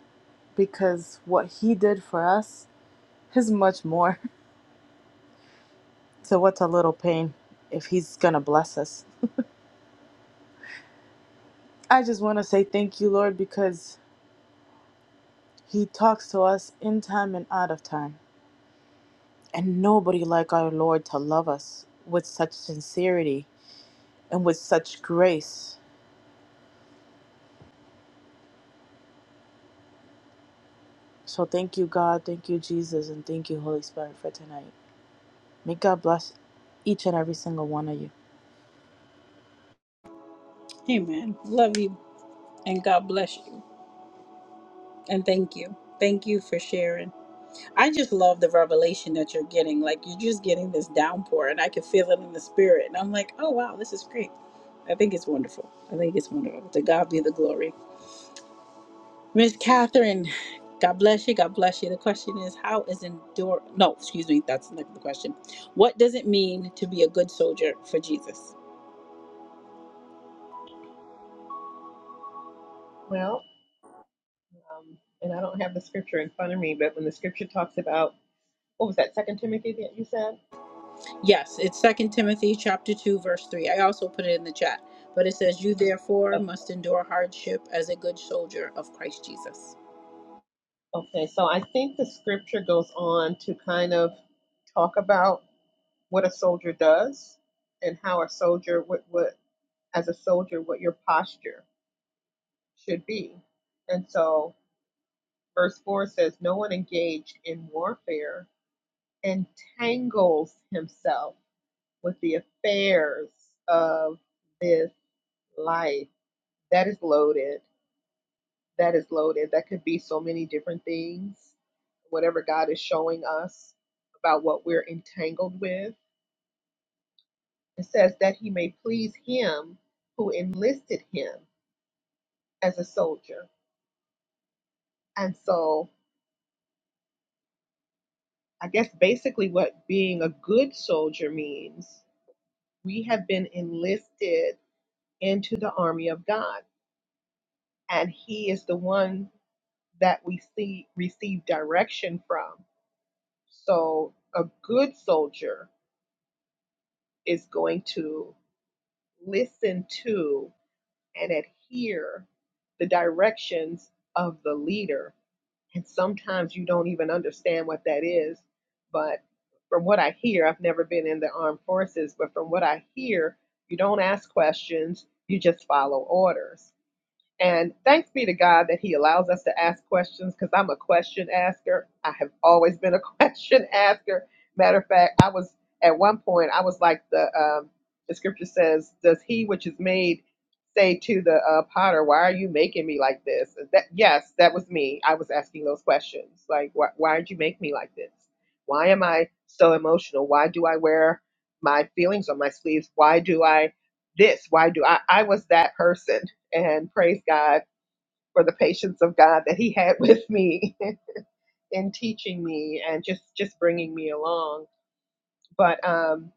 because what he did for us is much more. <laughs> So, what's a little pain if he's going to bless us? I just want to say thank you, Lord, because he talks to us in time and out of time. And nobody like our Lord to love us with such sincerity and with such grace. So, thank you, God. Thank you, Jesus. And thank you, Holy Spirit, for tonight. May God bless each and every single one of you. Amen. Love you and God bless you. And thank you. Thank you for sharing. I just love the revelation that you're getting. Like you're just getting this downpour and I can feel it in the spirit. And I'm like, oh wow, this is great. I think it's wonderful. I think it's wonderful. To God be the glory. Miss Catherine, God bless you. God bless you. The question is, how is endure no, excuse me, that's not the question. What does it mean to be a good soldier for Jesus? Well, um, and I don't have the scripture in front of me, but when the scripture talks about what was that Second Timothy that you said? Yes, it's Second Timothy chapter two, verse three. I also put it in the chat, but it says, "You therefore O- must endure hardship as a good soldier of Christ Jesus." Okay, so I think the scripture goes on to kind of talk about what a soldier does and how a soldier what what as a soldier what your posture should be. And so verse 4 says no one engaged in warfare entangles himself with the affairs of this life. That is loaded that is loaded. That could be so many different things, whatever God is showing us about what we're entangled with. It says that he may please him who enlisted him as a soldier. And so, I guess basically what being a good soldier means, we have been enlisted into the army of God, and he is the one that we see receive direction from. So, a good soldier is going to listen to and adhere the directions of the leader. And sometimes you don't even understand what that is. But from what I hear, I've never been in the armed forces, but from what I hear, you don't ask questions, you just follow orders. And thanks be to God that He allows us to ask questions because I'm a question asker. I have always been a <laughs> question asker. Matter of fact, I was at one point, I was like the um, the scripture says, "Does he which is made say to the uh, potter, Why are you making me like this?" That yes, that was me. I was asking those questions, like, "Why, why did you make me like this? Why am I so emotional? Why do I wear my feelings on my sleeves? Why do I this? Why do I?" I was that person and praise God for the patience of God that He had with me <laughs> in teaching me and just just bringing me along. But um,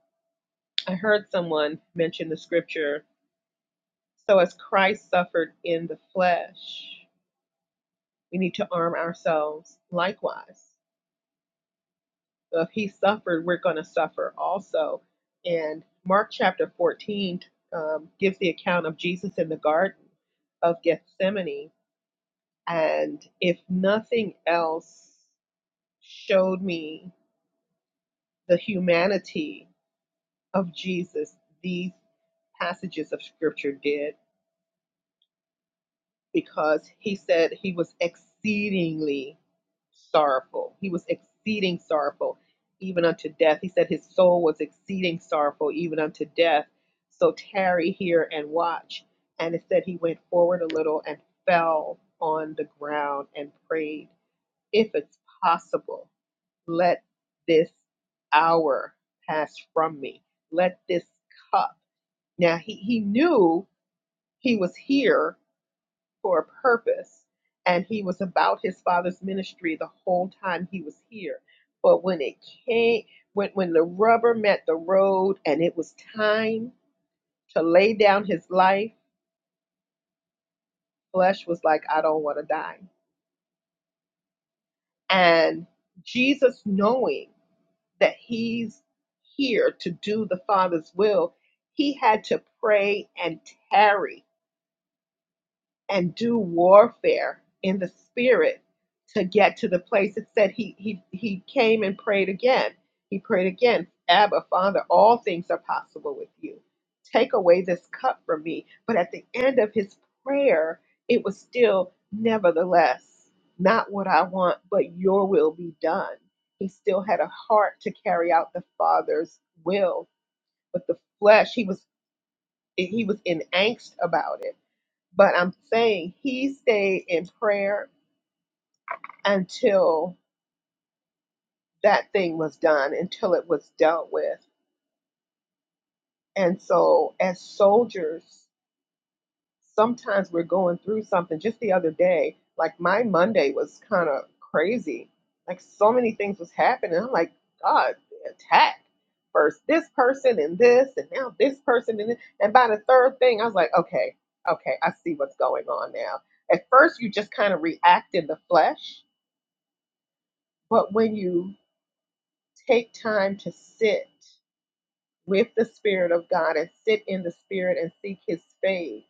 I heard someone mention the scripture. So as Christ suffered in the flesh, we need to arm ourselves likewise. So if He suffered, we're going to suffer also. And Mark chapter 14 um, gives the account of Jesus in the Garden of Gethsemane. And if nothing else, showed me the humanity of Jesus, these passages of scripture did, because he said he was exceedingly sorrowful. He was exceeding sorrowful, even unto death. He said his soul was exceeding sorrowful, even unto death. So tarry here and watch. And it said he went forward a little and fell on the ground and prayed, if it's possible. let this hour pass from me. Let this cup. Now he, he knew he was here for a purpose and he was about his father's ministry the whole time he was here. But when it came, when, when the rubber met the road and it was time to lay down his life, flesh was like, I don't want to die. And Jesus, knowing that he's here to do the Father's will, he had to pray and tarry and do warfare in the spirit to get to the place it said he he he came and prayed again he prayed again abba father all things are possible with you take away this cup from me but at the end of his prayer it was still nevertheless not what i want but your will be done he still had a heart to carry out the father's will but the flesh he was he was in angst about it but I'm saying he stayed in prayer until that thing was done, until it was dealt with. And so, as soldiers, sometimes we're going through something. Just the other day, like my Monday was kind of crazy. Like so many things was happening. I'm like, God, the attack. First this person and this, and now this person and this. And by the third thing, I was like, okay, okay, I see what's going on now. At first, you just kind of react in the flesh But when you take time to sit with the Spirit of God and sit in the Spirit and seek His face,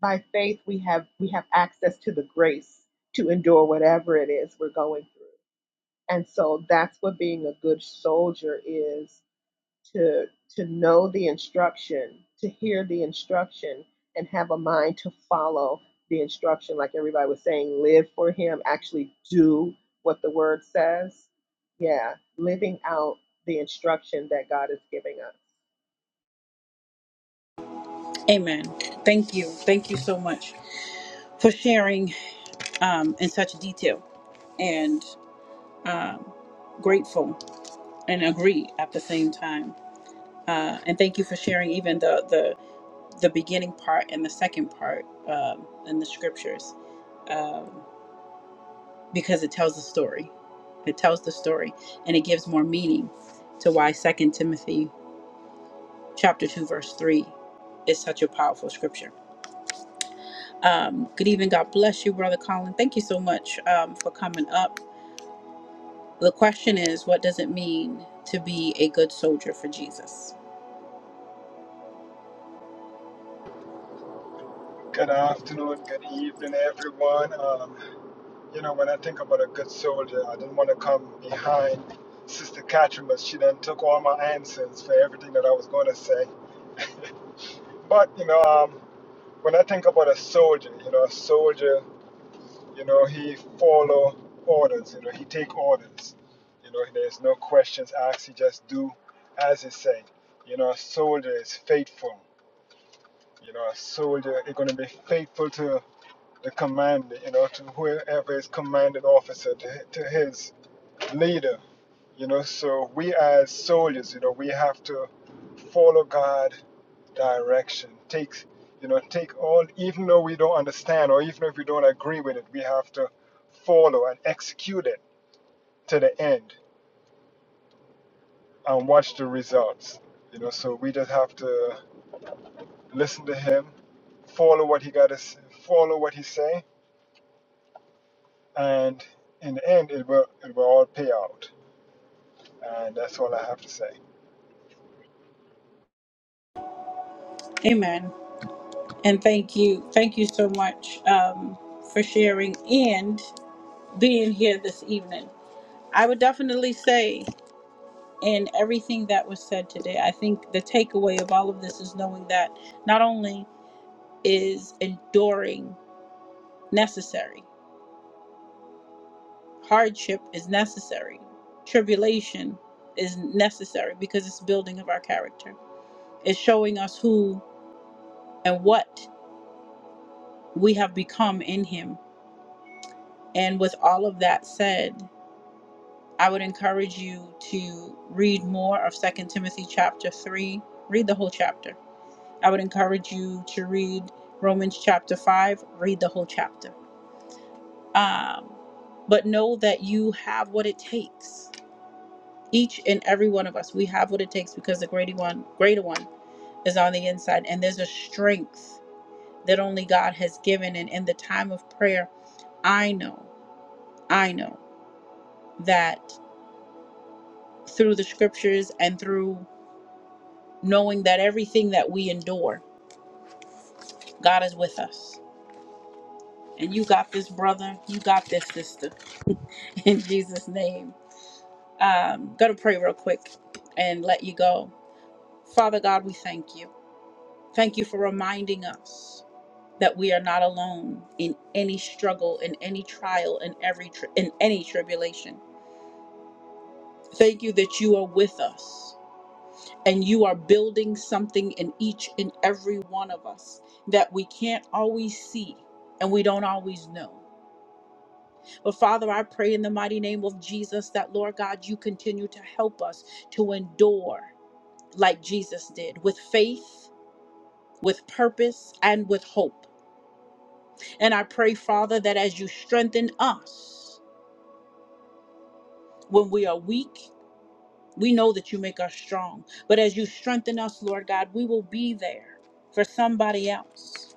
by faith we have we have access to the grace to endure whatever it is we're going through. And so that's what being a good soldier is to to know the instruction, to hear the instruction, and have a mind to follow the instruction. Like everybody was saying, live for Him. Actually, do what the Word says. Yeah, living out the instruction that God is giving us. Amen. Thank you, thank you so much for sharing um, in such detail, and um, grateful and agree at the same time. Uh, and thank you for sharing even the the the beginning part and the second part um, in the scriptures. Um, because it tells the story. It tells the story and it gives more meaning to why Second Timothy chapter 2 verse 3 is such a powerful scripture. Um, good evening. God bless you, Brother Colin. Thank you so much um, for coming up. The question is, what does it mean to be a good soldier for Jesus? Good afternoon, good evening, everyone. Um, you know, when I think about a good soldier, I didn't want to come behind Sister Catherine, but she then took all my answers for everything that I was going to say. But, you know, um, when I think about a soldier, you know, a soldier, you know, he follow orders, you know, he take orders. You know, there's no questions asked, he just do as he say. You know, a soldier is faithful. You know, a soldier is going to be faithful to. the commander, you know, to whoever is commanding officer, to, to his leader, you know. So we as soldiers, you know, we have to follow God direction. Take, you know, take all, even though we don't understand or even if we don't agree with it, we have to follow and execute it to the end and watch the results. You know, so we just have to listen to Him, follow what He got to, follow what He say, and in the end, it will it will all pay out. And that's all I have to say. Amen. And thank you. Thank you so much um, for sharing and being here this evening. I would definitely say and everything that was said today. I think the takeaway of all of this is knowing that not only is enduring necessary, hardship is necessary, tribulation is necessary because it's building of our character. It's showing us who and what we have become in Him. And with all of that said, I would encourage you to read more of Second Timothy chapter 3. Read the whole chapter I would encourage you to read Romans chapter 5, read the whole chapter. Um, but know that you have what it takes. Each and every one of us, we have what it takes because the greater one, greater one is on the inside. And there's a strength that only God has given. And in the time of prayer, I know, I know that through the scriptures and through knowing that everything that we endure, God is with us. And you got this, brother. You got this, sister. <laughs> In Jesus' name. um, going to pray real quick and let you go. Father God, we thank you. Thank you for reminding us that we are not alone in any struggle, in any trial, in every tri- in any tribulation. Thank you that you are with us and you are building something in each and every one of us that we can't always see and we don't always know. But Father, I pray in the mighty name of Jesus that, Lord God, you continue to help us to endure like Jesus did, with faith, with purpose, and with hope. And I pray, Father, that as you strengthen us when we are weak, we know that you make us strong. But as you strengthen us, Lord God, we will be there for somebody else.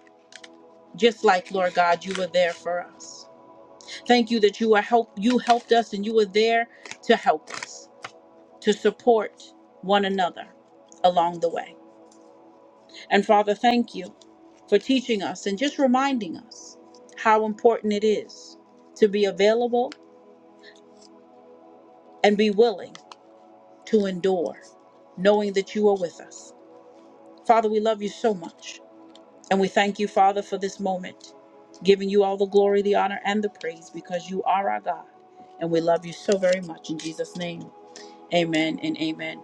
Just like, Lord God, you were there for us. Thank you that you are help you helped us and you were there to help us, to support one another along the way. And Father, thank you for teaching us and just reminding us how important it is to be available and be willing to endure, knowing that you are with us. Father, we love you so much. And we thank you, Father, for this moment, giving you all the glory, the honor, and the praise because you are our God. And we love you so very much in Jesus' name. Amen and amen.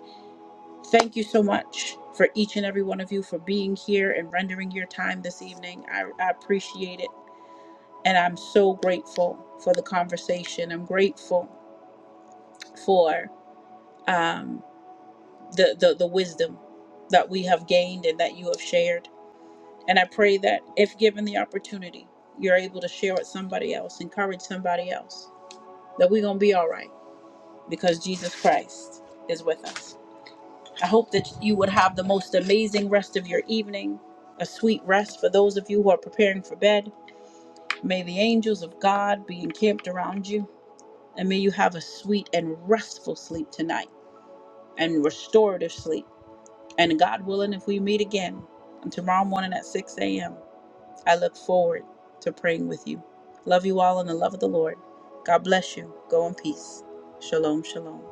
Thank you so much for each and every one of you for being here and rendering your time this evening. I, I appreciate it. and I'm so grateful for the conversation. I'm grateful for um, the, the the wisdom that we have gained and that you have shared. And I pray that if given the opportunity, you're able to share with somebody else, encourage somebody else, that we're gonna be all right because Jesus Christ is with us. I hope that you would have the most amazing rest of your evening, a sweet rest for those of you who are preparing for bed. May the angels of God be encamped around you And may you have a sweet and restful sleep tonight and restorative sleep. And God willing, if we meet again tomorrow morning at 6 a.m., I look forward to praying with you. Love you all in the love of the Lord. God bless you. Go in peace. Shalom, shalom.